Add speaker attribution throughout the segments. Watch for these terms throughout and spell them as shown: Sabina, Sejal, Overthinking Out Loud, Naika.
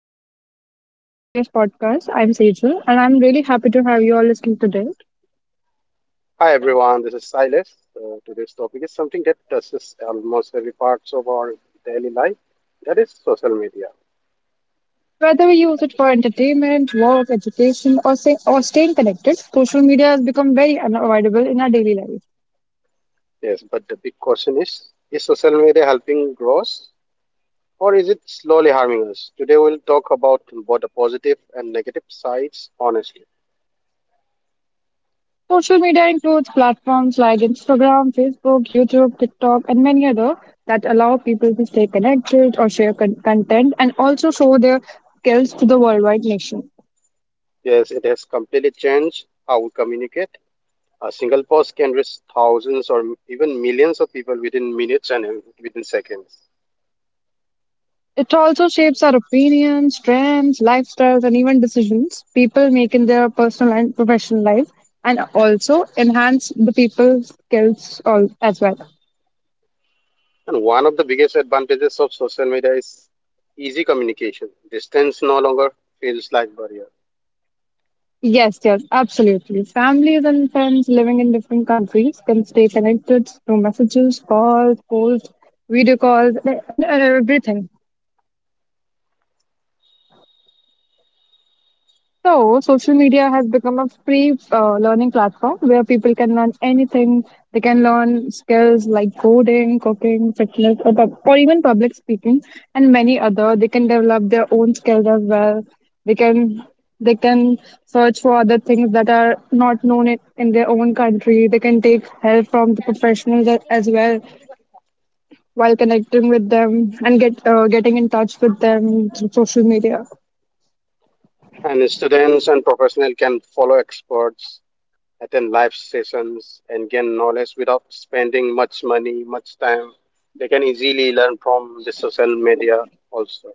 Speaker 1: everyone. Welcome to today's podcast. I'm Sejal, and I'm really happy to have you all listening today.
Speaker 2: Hi everyone, this is Silas. Today's topic is something that touches almost every parts of our daily life. That is social media.
Speaker 1: Whether we use it for entertainment, work, education, or staying connected, social media has become very unavoidable in our daily life.
Speaker 2: Yes, but the big question is social media helping growth, or is it slowly harming us? Today we'll talk about both the positive and negative sides. Honestly,
Speaker 1: Social media includes platforms like Instagram, Facebook, YouTube, TikTok, and many other that allow people to stay connected or share content, and also show their skills to the worldwide nation.
Speaker 2: yes, it has completely changed how we communicate. A single post can reach thousands or even millions of people within minutes and within seconds.
Speaker 1: It also shapes our opinions, trends, lifestyles, and even decisions people make in their personal and professional life, and also enhance the people's skills all, as well.
Speaker 2: And one of the biggest advantages of social media is easy communication. Distance no longer feels like barrier.
Speaker 1: Yes, yes, absolutely. Families and friends living in different countries can stay connected through messages, calls, posts, video calls, and everything. So, social media has become a free learning platform where people can learn anything. They can learn skills like coding, cooking, fitness, or even public speaking, and many other. They can develop their own skills as well. They can they can search for other things that are not known in their own country. They can take help from the professionals as well, while connecting with them and getting in touch with them through social media.
Speaker 2: And students and professionals can follow experts, attend live sessions, and gain knowledge without spending much money, much time. They can easily learn from the social media also.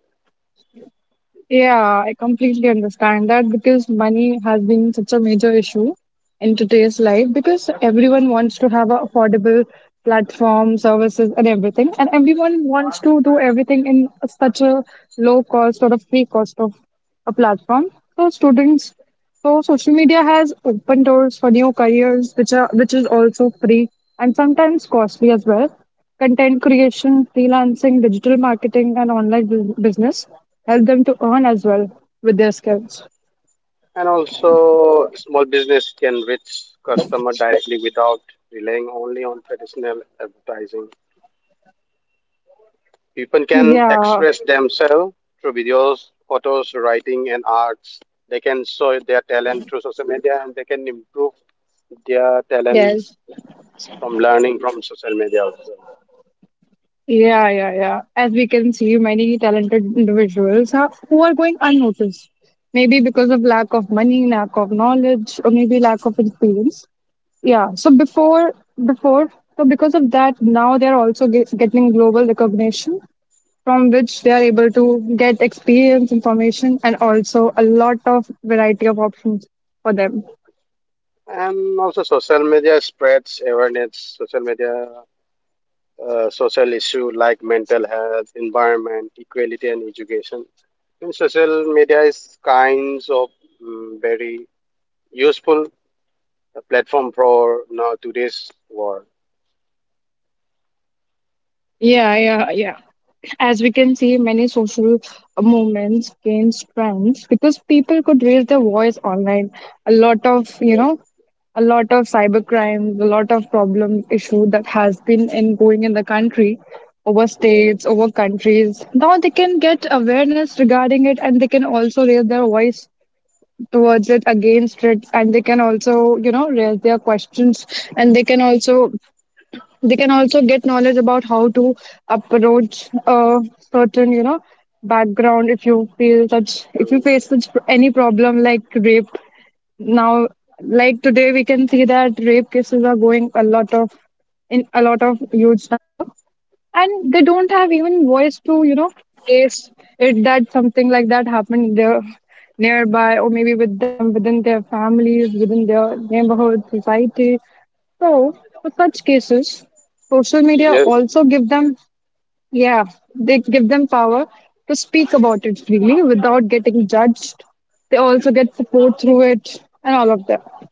Speaker 1: Yeah, I completely understand that, because money has been such a major issue in today's life, because everyone wants to have a affordable platform, services, and everything. And everyone wants to do everything in such a low cost or a free cost of a platform. So students, so social media has opened doors for new careers, which is also free and sometimes costly as well. Content creation, freelancing, digital marketing, and online business help them to earn as well with their skills.
Speaker 2: And also, small business can reach customer directly without relying only on traditional advertising. People can
Speaker 1: Yeah,
Speaker 2: express themselves through videos, photos, writing, and arts. They can show their talent through social media and they can improve their talent
Speaker 1: yes.
Speaker 2: from learning from social media also.
Speaker 1: Yeah, yeah, yeah. As we can see, many talented individuals who are going unnoticed, maybe because of lack of money, lack of knowledge, or maybe lack of experience. Yeah. So because of that, now they're also getting global recognition, from which they are able to get experience, information, and also a lot of variety of options for them.
Speaker 2: And also, social media spreads awareness, social media, social issue like mental health, environment, equality, and education. And social media is kinds of very useful platform for now today's world.
Speaker 1: Yeah, yeah, yeah. As we can see, many social movements gain strength because people could raise their voice online. A lot of, you know,
Speaker 2: Yes.
Speaker 1: a lot of cybercrimes, a lot of problem issue that has been in going in the country, over
Speaker 2: Yeah.
Speaker 1: states, over countries. Now they can get awareness regarding it, and they can also raise their voice towards it, against it, and they can also raise their questions, and they can also, get knowledge about how to approach a certain, background. If you
Speaker 2: True.
Speaker 1: face such any problem, like rape. Now, like, today we can see that rape cases are going a lot of, in a lot of huge number, and they don't have even voice to, face it, that something like that happened there nearby, or maybe with them, within their families, within their neighborhood society. So, for such cases, social media
Speaker 2: Yes,
Speaker 1: also give them, yeah, they give them power to speak about it freely without getting judged. They also get support through it, and all of that.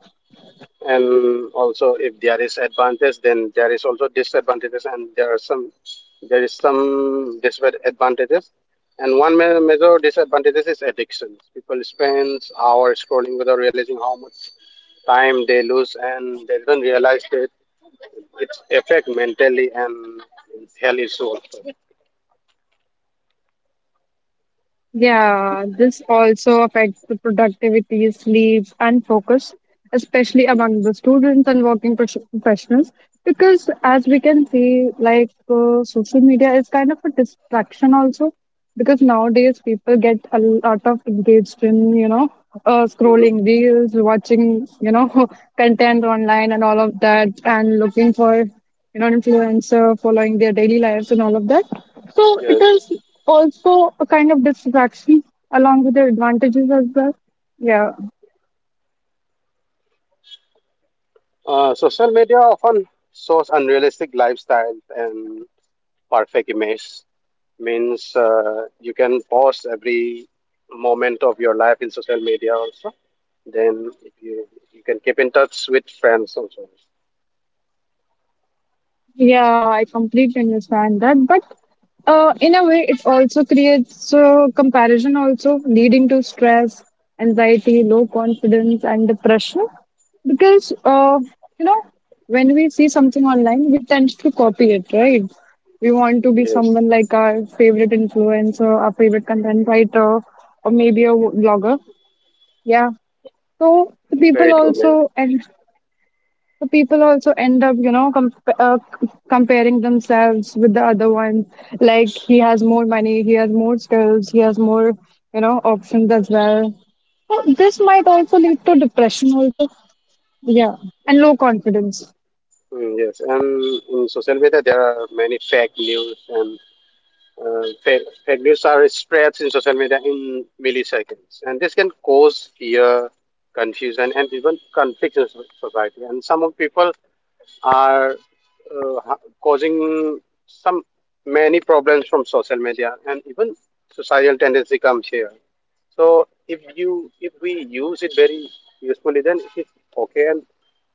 Speaker 2: and also if there is advantage, then there is also disadvantages, and there are some there is some disadvantages. And one major disadvantages is addiction. People spend hours scrolling without realizing how much time they lose, and they don't realize that it's affect mentally and health issue also.
Speaker 1: Yeah, this also affects the productivity, sleep, and focus, especially among the students and working professionals. Because, as we can see, like social media is kind of a distraction also. Because nowadays people get a lot of engaged in,
Speaker 2: Mm.
Speaker 1: scrolling reels, watching, content online and all of that, and looking for, influencer, following their daily lives and all of that. So it
Speaker 2: Yes.
Speaker 1: is also a kind of distraction along with the advantages as well. Yeah,
Speaker 2: Social media often shows unrealistic lifestyles and perfect images. Means you can post every moment of your life in social media also. Then if you, You can keep in touch with friends also.
Speaker 1: yeah, I completely understand that. But in a way, it also creates comparison, also leading to stress, anxiety, low confidence, and depression. Because you know, when we see something online, we tend to copy it, right? We want to be
Speaker 2: Yes,
Speaker 1: someone like our favorite influencer, our favorite content writer, or maybe a blogger. Yeah. So the people
Speaker 2: very true, very
Speaker 1: also, and the people also end up, comparing themselves with the other one. Like, he has more money, he has more skills, he has more, options as well. So this might also lead to depression, also. Yeah, and low confidence.
Speaker 2: true. Mm, yes, and in social media there are many fake news and fake news are spread in social media in milliseconds, and this can cause fear, confusion, and even conflict in society. And some of people are causing some many problems from social media and even societal tendency comes here, so if you if we use it very usefully, then it's okay, and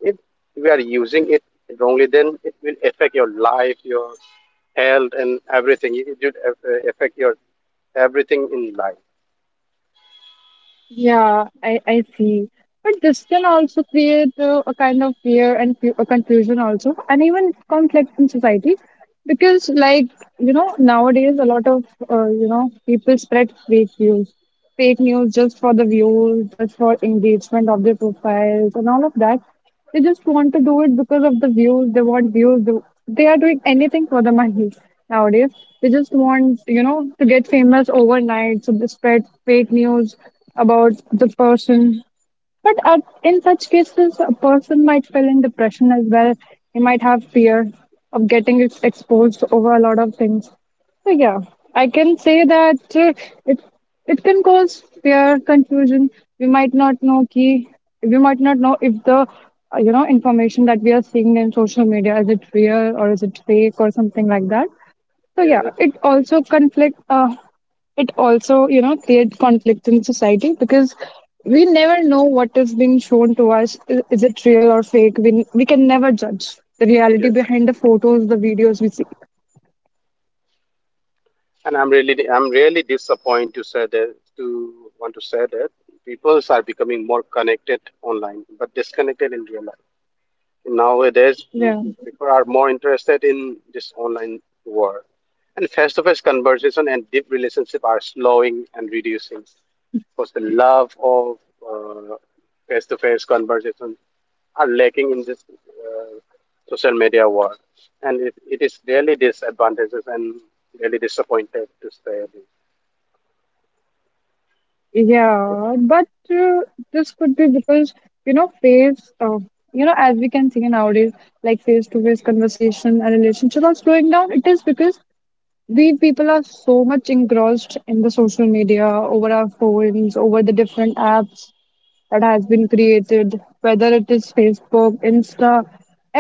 Speaker 2: if we are using it wrongly, then it will affect your life, your health, and everything. It will affect your everything in life.
Speaker 1: Yeah, I see. But this can also create a kind of fear and confusion also, and even conflict in society. Because, like, nowadays a lot of, people spread fake news. Fake news just for the views, just for engagement of their profiles and all of that. They just want to do it because of the views. They want views. They are doing anything for the money nowadays. They just want, to get famous overnight. So they spread fake news about the person, but in such cases, a person might feel in depression as well. He might have fear of getting exposed over a lot of things. So yeah, I can say that it it can cause fear, confusion. We might not know key. We might not know if the information that we are seeing in social media, is it real or is it fake, or something like that. So yeah,
Speaker 2: Yes,
Speaker 1: it also conflict. It also, create conflict in society, because we never know what is being shown to us. Is it real or fake? We can never judge the reality
Speaker 2: yes.
Speaker 1: behind the photos, the videos we see.
Speaker 2: And I'm really disappointed to want to say that people are becoming more connected online, but disconnected in real life. Nowadays,
Speaker 1: Yeah,
Speaker 2: people are more interested in this online world, and face-to-face conversation and deep relationship are slowing and reducing because the love of uh, face-to-face conversation are lacking in this social media world, and it is really disadvantages and really disappointed to say.
Speaker 1: yeah, but this could be because, you know face, uh, as we can see nowadays, like, face to face conversation and relationship are slowing down. It is because we people are so much engrossed in the social media, over our phones, over the different apps that has been created, whether it is facebook, insta.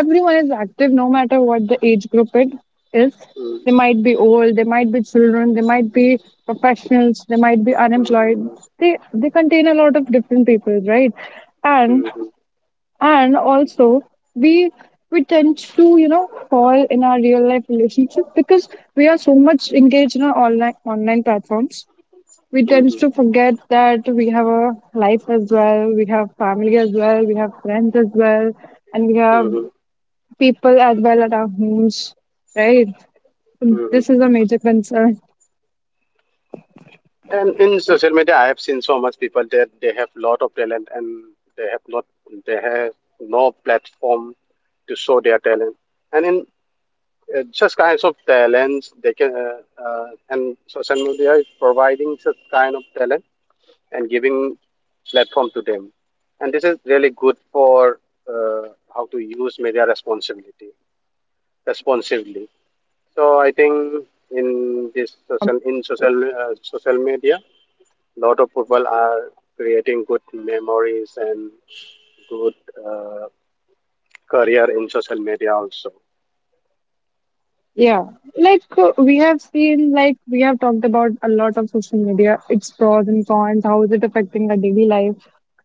Speaker 1: Everyone is active, no matter what the age group it is.
Speaker 2: Mm.
Speaker 1: They might be old, they might be children, they might be professionals, they might be
Speaker 2: mm, mm,
Speaker 1: unemployed. They contain a lot of different people, right? and
Speaker 2: mm,
Speaker 1: and also, we we tend to, fall in our real life relationship, because we are so much engaged in our online platforms. We
Speaker 2: mm,
Speaker 1: tend
Speaker 2: mm,
Speaker 1: to forget that we have a life as well, we have family as well, we have friends as well, and we have
Speaker 2: mm,
Speaker 1: people as well at our homes, right?
Speaker 2: mm,
Speaker 1: This is a major concern.
Speaker 2: And in social media, I have seen so much people that they have lot of talent and they have not they have no platform to show their talent. And in such kinds of talents, they can and social media is providing such kind of talent and giving platform to them. And this is really good for uh, how to use media responsibility responsibly. So I think in this social in social social media, lot of people are creating good memories and good uh, career in social media also.
Speaker 1: Yeah, like we have seen, like, we have talked about a lot of social media, its pros and cons, how is it affecting our daily life.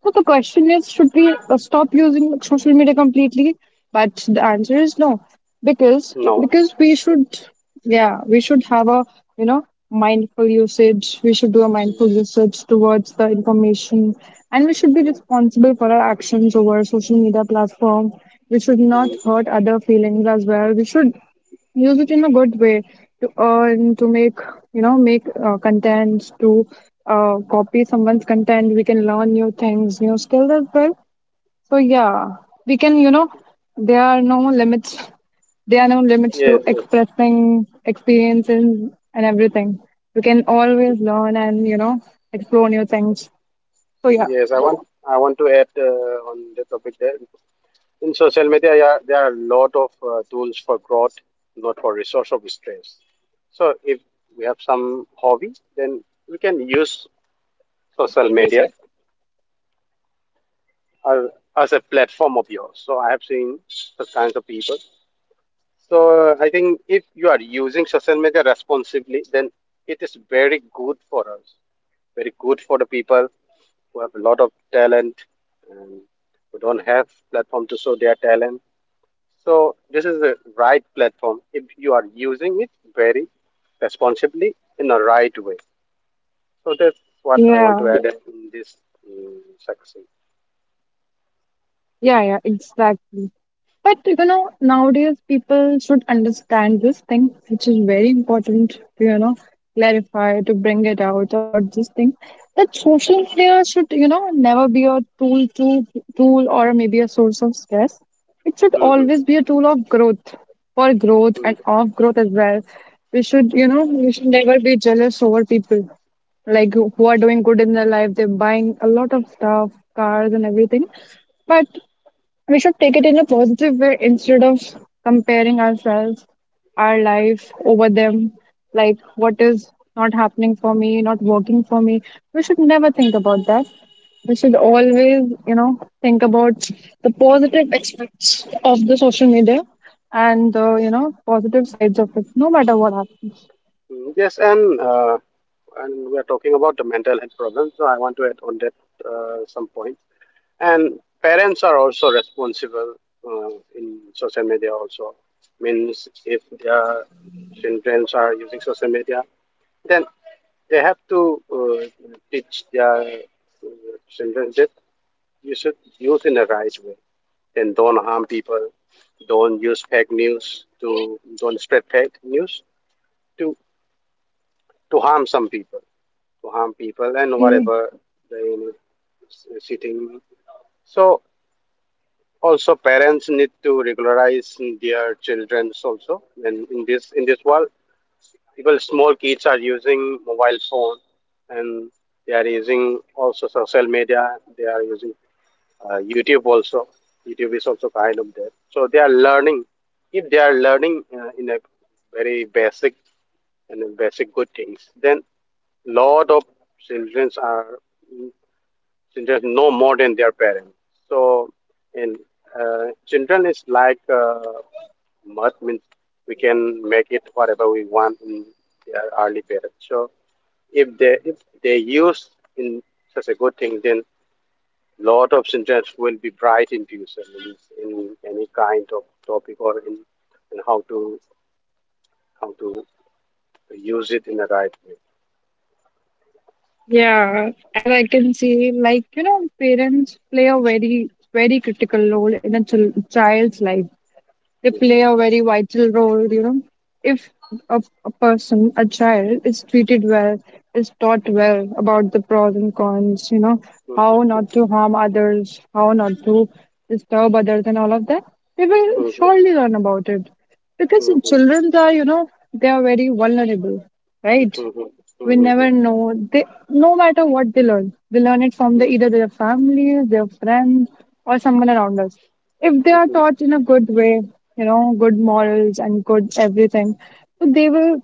Speaker 1: So the question is, should we stop using social media completely? But the answer is no, because
Speaker 2: No.
Speaker 1: because we should, yeah, we should have a, you know mindful usage. We should do a
Speaker 2: Mm,
Speaker 1: mindful usage towards the information, and we should be
Speaker 2: mm,
Speaker 1: responsible for our actions over social media platform. We should not
Speaker 2: mm.
Speaker 1: hurt other feelings as well. We should use it in a good way, to earn, to make you know make contents, to copy someone's content. We can learn new things, new skills as well. So yeah, we can, there are no limits, to
Speaker 2: Yes. yes
Speaker 1: expressing experiences, and everything. We can always learn and, explore new things. So yeah,
Speaker 2: yes i want i want to add on the topic there. In social media, yeah, there are a lot of tools for growth, not for resource of stress. So if we have some hobby, then we can use social media as, as a platform of yours. So I have seen such kinds of people. So I think if you are using social media responsibly, then it is very good for us, very good for the people who have a lot of talent and who don't have platform to show their talent. So this is the right platform if you are using it very responsibly in the right way. So that's what I want
Speaker 1: yeah,
Speaker 2: to add in this section.
Speaker 1: yeah, yeah, exactly. But, nowadays people should understand this thing, which is very important to, clarify, to bring it out about this thing. That social media should, never be a tool, or maybe a source of stress. It should
Speaker 2: Mhm.
Speaker 1: always be a tool of growth, for growth and
Speaker 2: Mm.
Speaker 1: of growth as well. We should never be jealous over people, like, who are doing good in their life. They're buying a lot of stuff, cars and everything. But we should take it in a positive way, instead of comparing ourselves, our life over them, like, what is not happening for me, not working for me. We should never think about that. We should always, think about the positive aspects of the social media, and the, positive sides of it, no matter what happens.
Speaker 2: Mm. Yes, and we are talking about the mental health problems. So I want to add on that some point. And parents are also responsible uh, in social media also. Means if their children are using social media, then they have to teach their children that you should use in the right way and don't harm people, don't use fake news to don't spread fake news to harm some people, to harm people and
Speaker 1: Mm.
Speaker 2: whatever they sitting. So also, parents need to regularize their childrens also. And in this world, people small kids are using mobile phone, and they are using also social media. They are using YouTube also. YouTube is also kind of there. So they are learning. If they are learning in a very basic and basic good things, then lot of childrens are. Children know more than their parents. So, in children is like mud. Means we can make it whatever we want in their early period. So, if they use in such a good thing, then lot of children will be bright in future in any kind of topic in how to how to use it in the right way.
Speaker 1: Yeah, as I can see, like, parents play a very, very critical role in a child's life. They
Speaker 2: Yes.
Speaker 1: play a very vital role. If a person, a child, is treated well, is taught well about the pros and cons, how not
Speaker 2: Mhm.
Speaker 1: to harm others, how not to disturb others, and all of that, they will
Speaker 2: mhm, mhm,
Speaker 1: surely learn about it. Because
Speaker 2: mhm, mhm,
Speaker 1: children are, they are very vulnerable, right?
Speaker 2: mhm,
Speaker 1: We never
Speaker 2: mhm,
Speaker 1: know. They, no matter what they learn, they learn it from
Speaker 2: mhm,
Speaker 1: either their families, their friends, or someone around us. If they are
Speaker 2: mhm,
Speaker 1: taught in a good way, good morals and good everything, so they will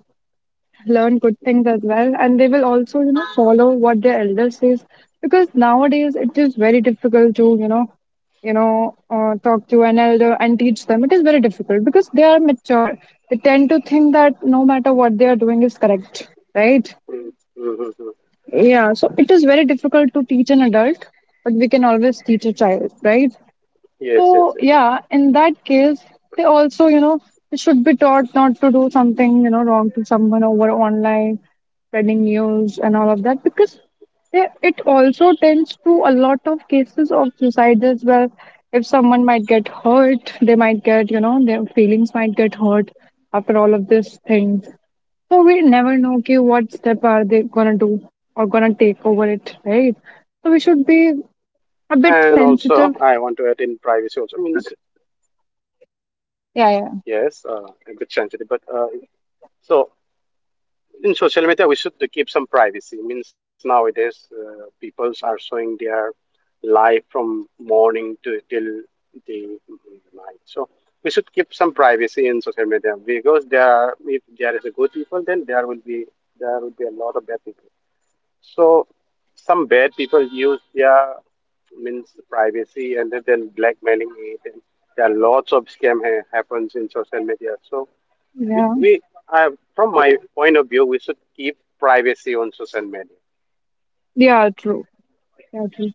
Speaker 1: learn good things as well, and they will also follow what their elders says. Because nowadays it is very difficult to talk to an elder and teach them. It is very difficult because they are mature. They tend to think that no matter what they are doing is correct, right?
Speaker 2: Mm, mm, mm, mm.
Speaker 1: Yeah, so it is very difficult to teach an adult, but we can always teach a child, right?
Speaker 2: Yes, yes,
Speaker 1: So,
Speaker 2: yes.
Speaker 1: yeah, in that case, they also, they should be taught not to do something wrong to someone over online, spreading news and all of that, because it also tends to a lot of cases of suicide as well. If someone might get hurt, they might get, you know, their feelings might get hurt after all of this thing. So we never know, okay, what step are they gonna do or gonna take over it, right? So we should be a bit
Speaker 2: And also,
Speaker 1: sensitive.
Speaker 2: I want to add in privacy also. Means,
Speaker 1: Yeah, yeah,
Speaker 2: yes, a bit sensitive, but so in social media, we should keep some privacy. Means nowadays, people are showing their life from morning to till the night. So we should keep some privacy in social media because there, are, if there is a good people, then there will be a lot of bad people. So some bad people use their means privacy and then blackmailing it, and there are lots of scam happens in social media. So
Speaker 1: yeah.
Speaker 2: we uh, from my point of view, we should keep privacy on social media.
Speaker 1: Yeah, true. Yeah, true.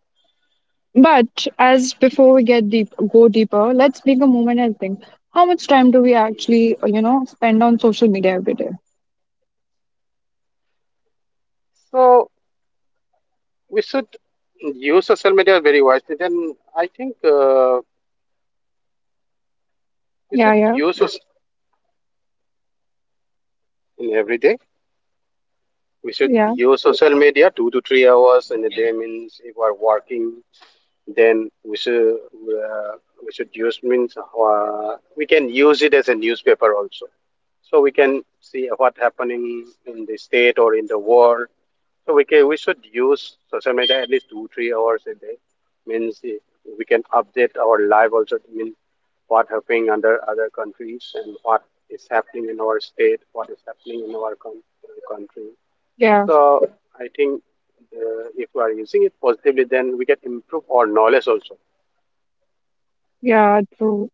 Speaker 1: But as before we go deeper, let's take a moment and think. How much time do we actually, spend on social media every day?
Speaker 2: So we should use social media very wisely. Then I think we
Speaker 1: Yeah,
Speaker 2: should
Speaker 1: yeah,
Speaker 2: use it in every day. We should
Speaker 1: yeah,
Speaker 2: use social media 2 to 3 hours in a day. Means if we are working, then we can use it as a newspaper also. So we can see what happening in the state or in the world. So we should use social media at least 2 3 hours a day. Means we can update our life also. Means what happening under other countries and what is happening in our state, what is happening in our country.
Speaker 1: yeah,
Speaker 2: So I think if we are using it positively, then we can improve our knowledge also.
Speaker 1: yeah. True.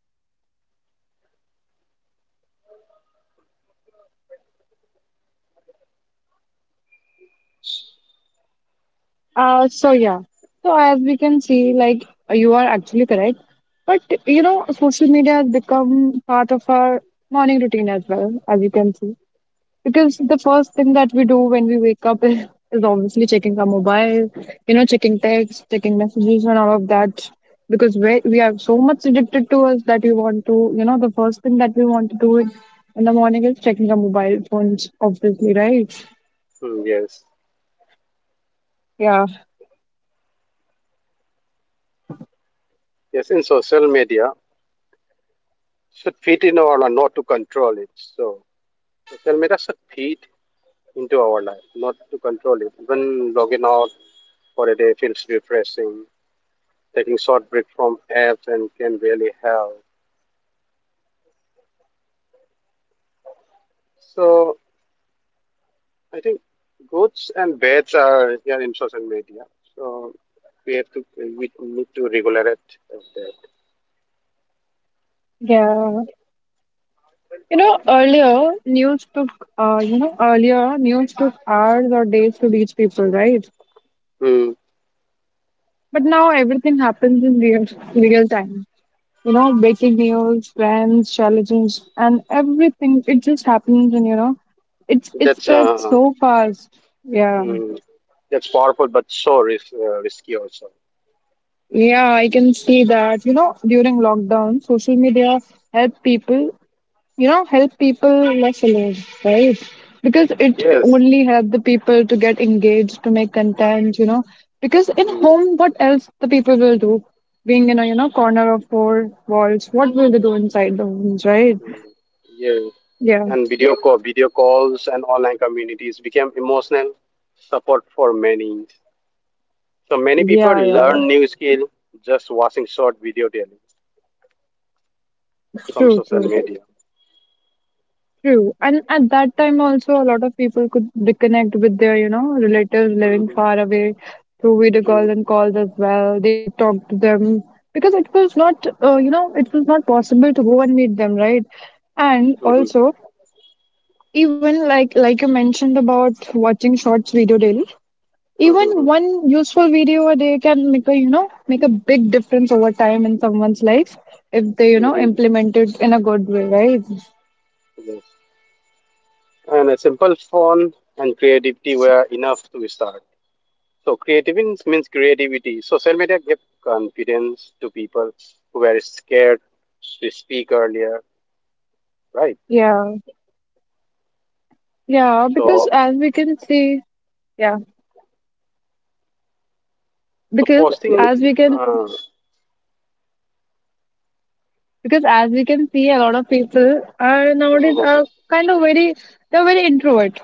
Speaker 1: So yeah. So, as we can see, like, you are actually correct. But, you know, social media has become part of our morning routine as well, as you can see. Because the first thing that we do when we wake up is obviously checking our mobile, you know, checking text, checking messages, and all of that. Because we are so much addicted to us that we want to, you know, the first thing that we want to do in the morning is checking our mobile phones, obviously, right?
Speaker 2: Hmm, yes,
Speaker 1: Yeah.
Speaker 2: yes. In social media, should fit in our life, not to control it. So social media should fit into our life, not to control it. Even logging out for a day feels refreshing. Taking short break from apps and can really help. So I think goods and bads are here in social media. So we have to we need to regulate that.
Speaker 1: Yeah. You know, earlier news took hours or days to reach people, right?
Speaker 2: Hmm.
Speaker 1: But now everything happens in real time. You know, breaking news, trends, challenges, and everything. It just happens, and, you know, it
Speaker 2: That's
Speaker 1: spreads
Speaker 2: uh,
Speaker 1: so fast. Yeah,
Speaker 2: mm, that's powerful, but so risky also.
Speaker 1: yeah. I can see that. You know, during lockdown, social media helped people, help people less alone, right? Because it
Speaker 2: Yes.
Speaker 1: only help the people to get engaged to make content, because in
Speaker 2: Mm.
Speaker 1: home, what else the people will do, being in a, corner of four walls, what will they do inside the homes, right?
Speaker 2: mm, yeah,
Speaker 1: Yeah,
Speaker 2: and video calls, and online communities became emotional support for many. So many people
Speaker 1: yeah, yeah.
Speaker 2: learn new skill just watching short video daily from
Speaker 1: True,
Speaker 2: social
Speaker 1: true.
Speaker 2: media.
Speaker 1: True. And at that time also, a lot of people could reconnect with their relatives living
Speaker 2: Mhm.
Speaker 1: far away through video
Speaker 2: Hmm.
Speaker 1: calls and calls as well. They could talk to them because it was not possible to go and meet them, right? And
Speaker 2: mhm,
Speaker 1: also, even like you mentioned about watching shorts video daily,
Speaker 2: mhm,
Speaker 1: even
Speaker 2: mhm,
Speaker 1: one useful video a day can make a big difference over time in someone's life if they, you know,
Speaker 2: mhm.
Speaker 1: implement it in a good way, right?
Speaker 2: Yes. And a simple phone and creativity were enough to start. So creativity Creativity. Social media gave confidence to people who were scared to speak earlier, right?
Speaker 1: Yeah. Yeah, because
Speaker 2: So,
Speaker 1: as we can see, yeah,
Speaker 2: so
Speaker 1: because
Speaker 2: posting,
Speaker 1: as we can,
Speaker 2: uh,
Speaker 1: because as we can see, a lot of people are nowadays are kind of very. They're very introvert.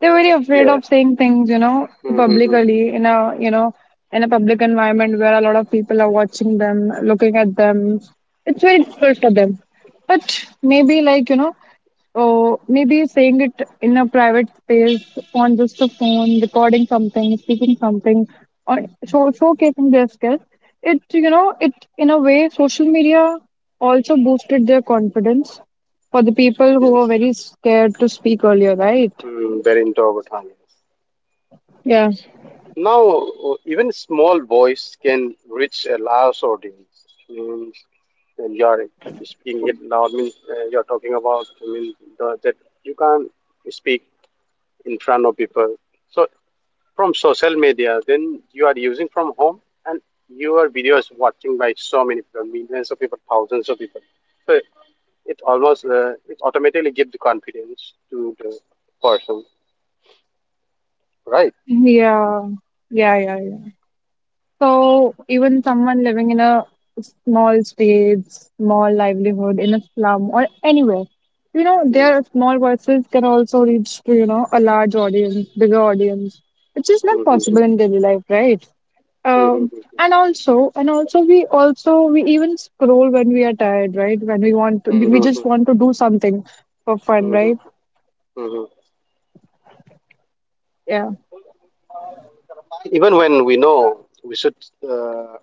Speaker 1: They're very afraid
Speaker 2: yeah.
Speaker 1: of saying things, you know, to
Speaker 2: Mhm.
Speaker 1: publicly in a, public environment where a lot of people are watching them, looking at them. It's very difficult for them. But maybe like, you know, So maybe saying it in a private space on just a phone, recording something, speaking something, or showcasing their skills. It, you know, it in a way, social media also boosted their confidence for the people who were
Speaker 2: Yes,
Speaker 1: very scared to speak earlier, right?
Speaker 2: mm, very introvert. Huh, yes.
Speaker 1: Yeah.
Speaker 2: Now, even small voice can reach a large audience. Means when you are speaking it loud, means you are talking about. I mean the, that you can't speak in front of people. So from social media, then you are using from home, and your video is watching by so many people, millions of people, thousands of people. So it almost it automatically gives the confidence to the person, right?
Speaker 1: Yeah. Yeah. Yeah. Yeah. So even someone living in a small space, small livelihood in a slum or anywhere, you know,
Speaker 2: Mm,
Speaker 1: their small voices can also reach to a large audience, bigger audience, which is not
Speaker 2: mm,
Speaker 1: possible in daily life, right?
Speaker 2: mm,
Speaker 1: Um,
Speaker 2: mm,
Speaker 1: and also, we even scroll when we are tired, right? When we want to,
Speaker 2: mm,
Speaker 1: we
Speaker 2: mm,
Speaker 1: just
Speaker 2: mm,
Speaker 1: want to do something for fun,
Speaker 2: mm, mm,
Speaker 1: right?
Speaker 2: mm, mm.
Speaker 1: Yeah.
Speaker 2: Even when we know we should uh,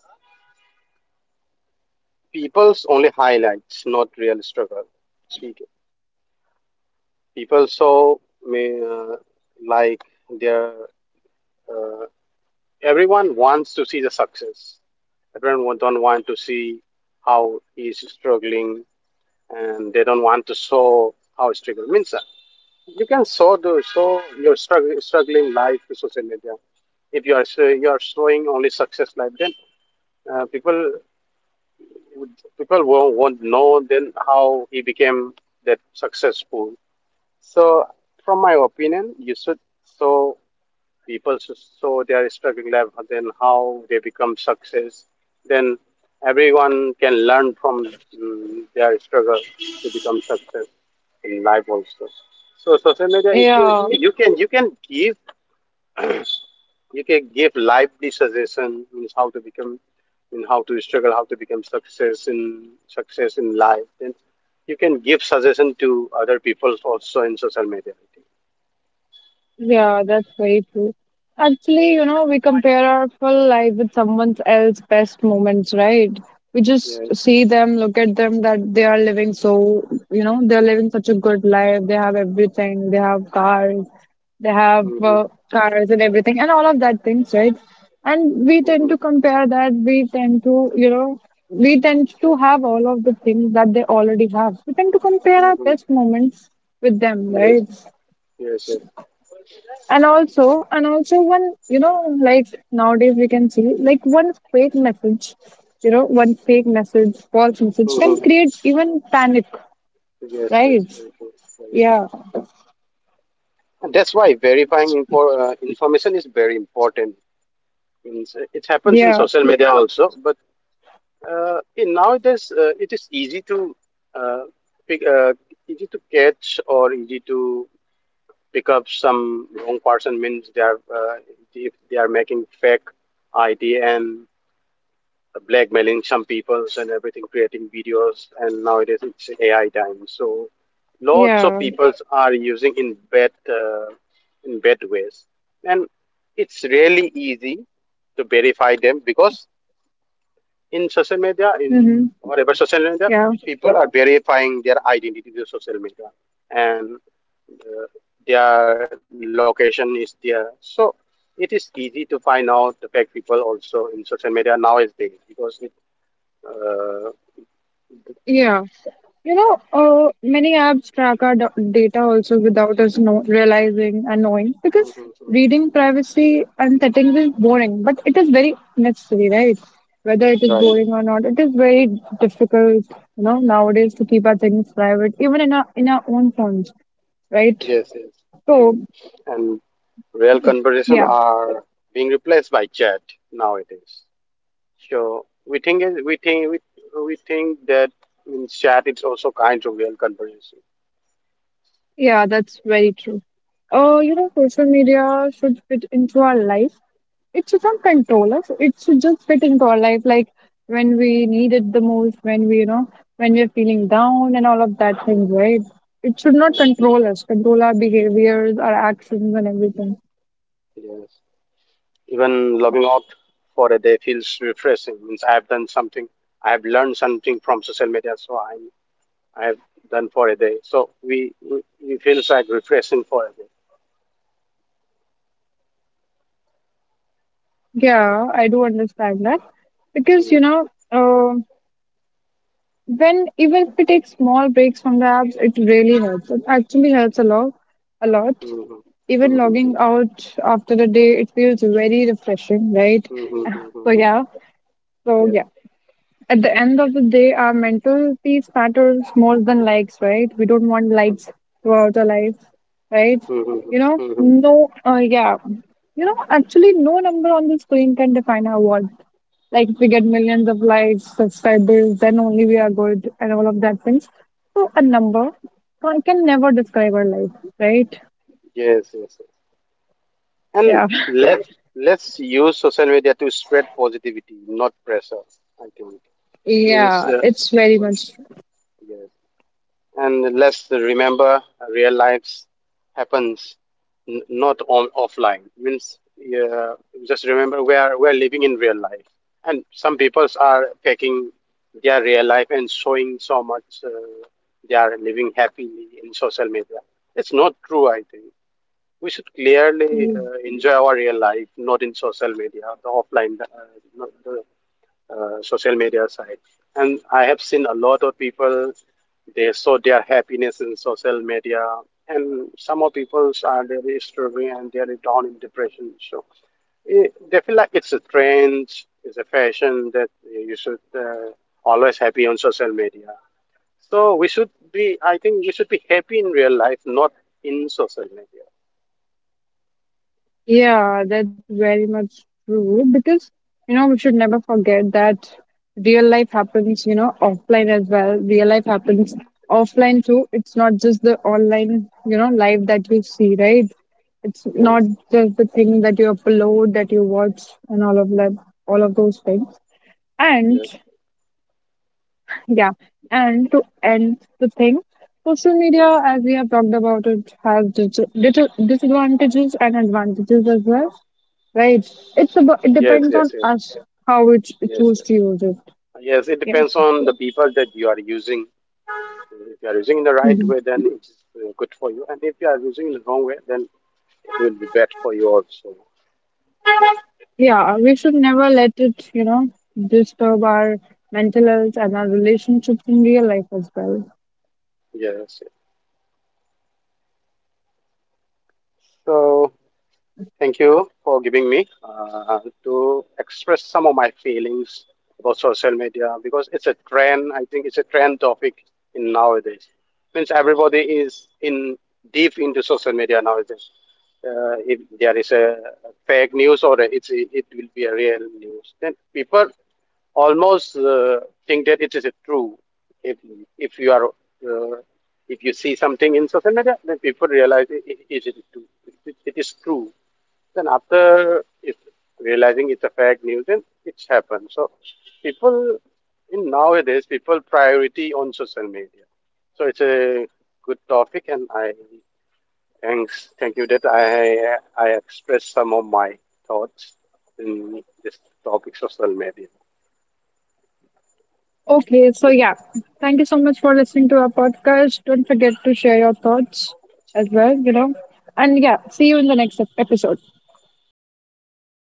Speaker 2: people's only highlights, not real struggle. ठीक है. People so may uh, like their uh, Everyone wants to see the success. Everyone don't want to see how he's struggling, and they don't want to show how struggle means. You can show your struggling life to social media. If you are you are showing only success life, then people would- people won't know then how he became that successful. So, from my opinion, you should show people so they are struggling level then how they become success then everyone can learn from their struggle to become success in life also. So social media, if you
Speaker 1: Yeah.
Speaker 2: you can give you can give lively suggestion means how to become in how to struggle how to become success in success in life, then you can give suggestion to other people also in social media.
Speaker 1: Yeah, that's very true. Actually, you know, we compare our full life with someone else's best moments, right? We just
Speaker 2: Yes.
Speaker 1: see them, look at them, that they are living so, you know, they're living such a good life. They have everything. They have cars. They have
Speaker 2: Hmm.
Speaker 1: cars and everything, and all of that things, right? And we tend
Speaker 2: Hmm.
Speaker 1: to compare that. We tend to, you know, we tend to have all of the things that they already have. We tend to compare our best moments with them,
Speaker 2: Hmm.
Speaker 1: right?
Speaker 2: Yes, sir.
Speaker 1: And also, and also one you know like, nowadays, we can see, like, one fake message, false message can
Speaker 2: Mhm.
Speaker 1: create even panic,
Speaker 2: Yes, sir.
Speaker 1: right?
Speaker 2: Very true. Very true.
Speaker 1: Yeah,
Speaker 2: And that's why verifying info, information is very important. Means, it happens in
Speaker 1: yeah,
Speaker 2: social media also, but in nowadays it is easy to uh, pick, easy to catch or easy to pick up some wrong person. Means they are if they are making fake ID and blackmailing some peoples and everything, creating videos, and nowadays it's AI time. So lots of
Speaker 1: yeah.
Speaker 2: peoples are using in bad ways, and it's really easy to verify them because in social media, in
Speaker 1: Mm-hmm.
Speaker 2: whatever social media,
Speaker 1: Yeah,
Speaker 2: people are verifying their identity to social media, and uh, their location is there. So it is easy to find out the fake people also in social media nowadays because it. Uh,
Speaker 1: yeah. You know, many apps track our data also without us realizing and knowing, because reading privacy and settings is boring, but it is very necessary, right? Whether it is
Speaker 2: right.
Speaker 1: boring or not, it is very difficult, you know, nowadays, to keep our things private, even in our own phones, right?
Speaker 2: Yes, yes,
Speaker 1: So
Speaker 2: yes. And real conversation
Speaker 1: yeah,
Speaker 2: are being replaced by chat nowadays. So we think that in chat it's also kind of real conversation.
Speaker 1: yeah, that's very true. You know, social media should fit into our life, it should not control us. It should just fit into our life, like when we need it the most, when we're feeling down and all of that thing,
Speaker 2: Yeah.
Speaker 1: right? It should not
Speaker 2: Mm.
Speaker 1: control us, control our behaviors, our actions, and everything.
Speaker 2: Yes. Even logging out for a day feels refreshing. Means I have done something. I have learned something from social media, so I have done for a day. So we feels like refreshing for a day.
Speaker 1: Yeah, I do understand that because, you
Speaker 2: Mm.
Speaker 1: know, when even if we take small breaks from the apps, it really helps. It actually helps a lot, a lot.
Speaker 2: Mhm.
Speaker 1: Even logging
Speaker 2: Mhm.
Speaker 1: out after the day, it feels very refreshing, right?
Speaker 2: Mhm.
Speaker 1: So
Speaker 2: Mhm.
Speaker 1: yeah, so
Speaker 2: Yes.
Speaker 1: yeah. At the end of the day, our mental peace matters more than likes, right? We don't want likes throughout our life, right?
Speaker 2: Mhm.
Speaker 1: You know,
Speaker 2: Mhm.
Speaker 1: no, yeah. You know, actually, no number on the screen can define our worth. Like, if we get millions of likes, subscribers, then only we are good, and all of that things. So, a number can never describe our life, right?
Speaker 2: Yes, yes, yes. And
Speaker 1: Yeah.
Speaker 2: let's use social media to spread positivity, not pressure. I think means
Speaker 1: Yeah, it's very much.
Speaker 2: yes, and let's remember real life happens not on offline means yeah, just remember we're living in real life, and some people are taking their real life and showing so much they are living happily in social media. It's not true, I think we should clearly enjoy our real life, not in social media, the offline the, not the social media site. And I have seen a lot of people, they saw their happiness in social media. And some of people are really struggling and they are down in depression. So it, they feel like it's a trend, it's a fashion that you should always happy on social media. So we should be, I think we should be happy in real life, not in social media.
Speaker 1: Yeah, that's very much true, because you know we should never forget that real life happens, you know, offline as well. Real life happens offline too. It's not just the online, you know, life that you see, right? It's not
Speaker 2: Yes,
Speaker 1: just the thing that you upload, that you watch, and all of that, all of those things. And yeah, and to end the thing, social
Speaker 2: yes,
Speaker 1: media,
Speaker 2: yes,
Speaker 1: as we have talked about, it has disadvantages and advantages as well, right? It
Speaker 2: yes,
Speaker 1: depends
Speaker 2: yes,
Speaker 1: on
Speaker 2: yes,
Speaker 1: us how we ch-
Speaker 2: yes.
Speaker 1: choose to use it.
Speaker 2: Yes, it
Speaker 1: Yeah.
Speaker 2: depends on the people that you are using. If you are using in the right
Speaker 1: Mhm.
Speaker 2: way, then it's good for you. And if you are using in the wrong way, then it will be bad for you also.
Speaker 1: Yeah. We should never let it disturb our mental health and our relationships in real life as well.
Speaker 2: Yes. Yes. So. Thank you for giving me to express some of my feelings about social media because it's a trend. I think it's a trend topic in nowadays. Means everybody is in deep into social media nowadays. If there is a fake news or it's it will be a real news, then people almost think that it is a true. If if you are if you see something in social media, then people realize it is true. It is true. Then after it, realizing it's a fake news, then it's happened. So people in nowadays people priority on social media. So it's a good topic, and I thank you that I expressed some of my thoughts in this topic social media.
Speaker 1: Okay, so yeah, thank you so much for listening to our podcast. Don't forget to share your thoughts as well. You know, and yeah, see you in the next episode.
Speaker 2: Thank you, thank you.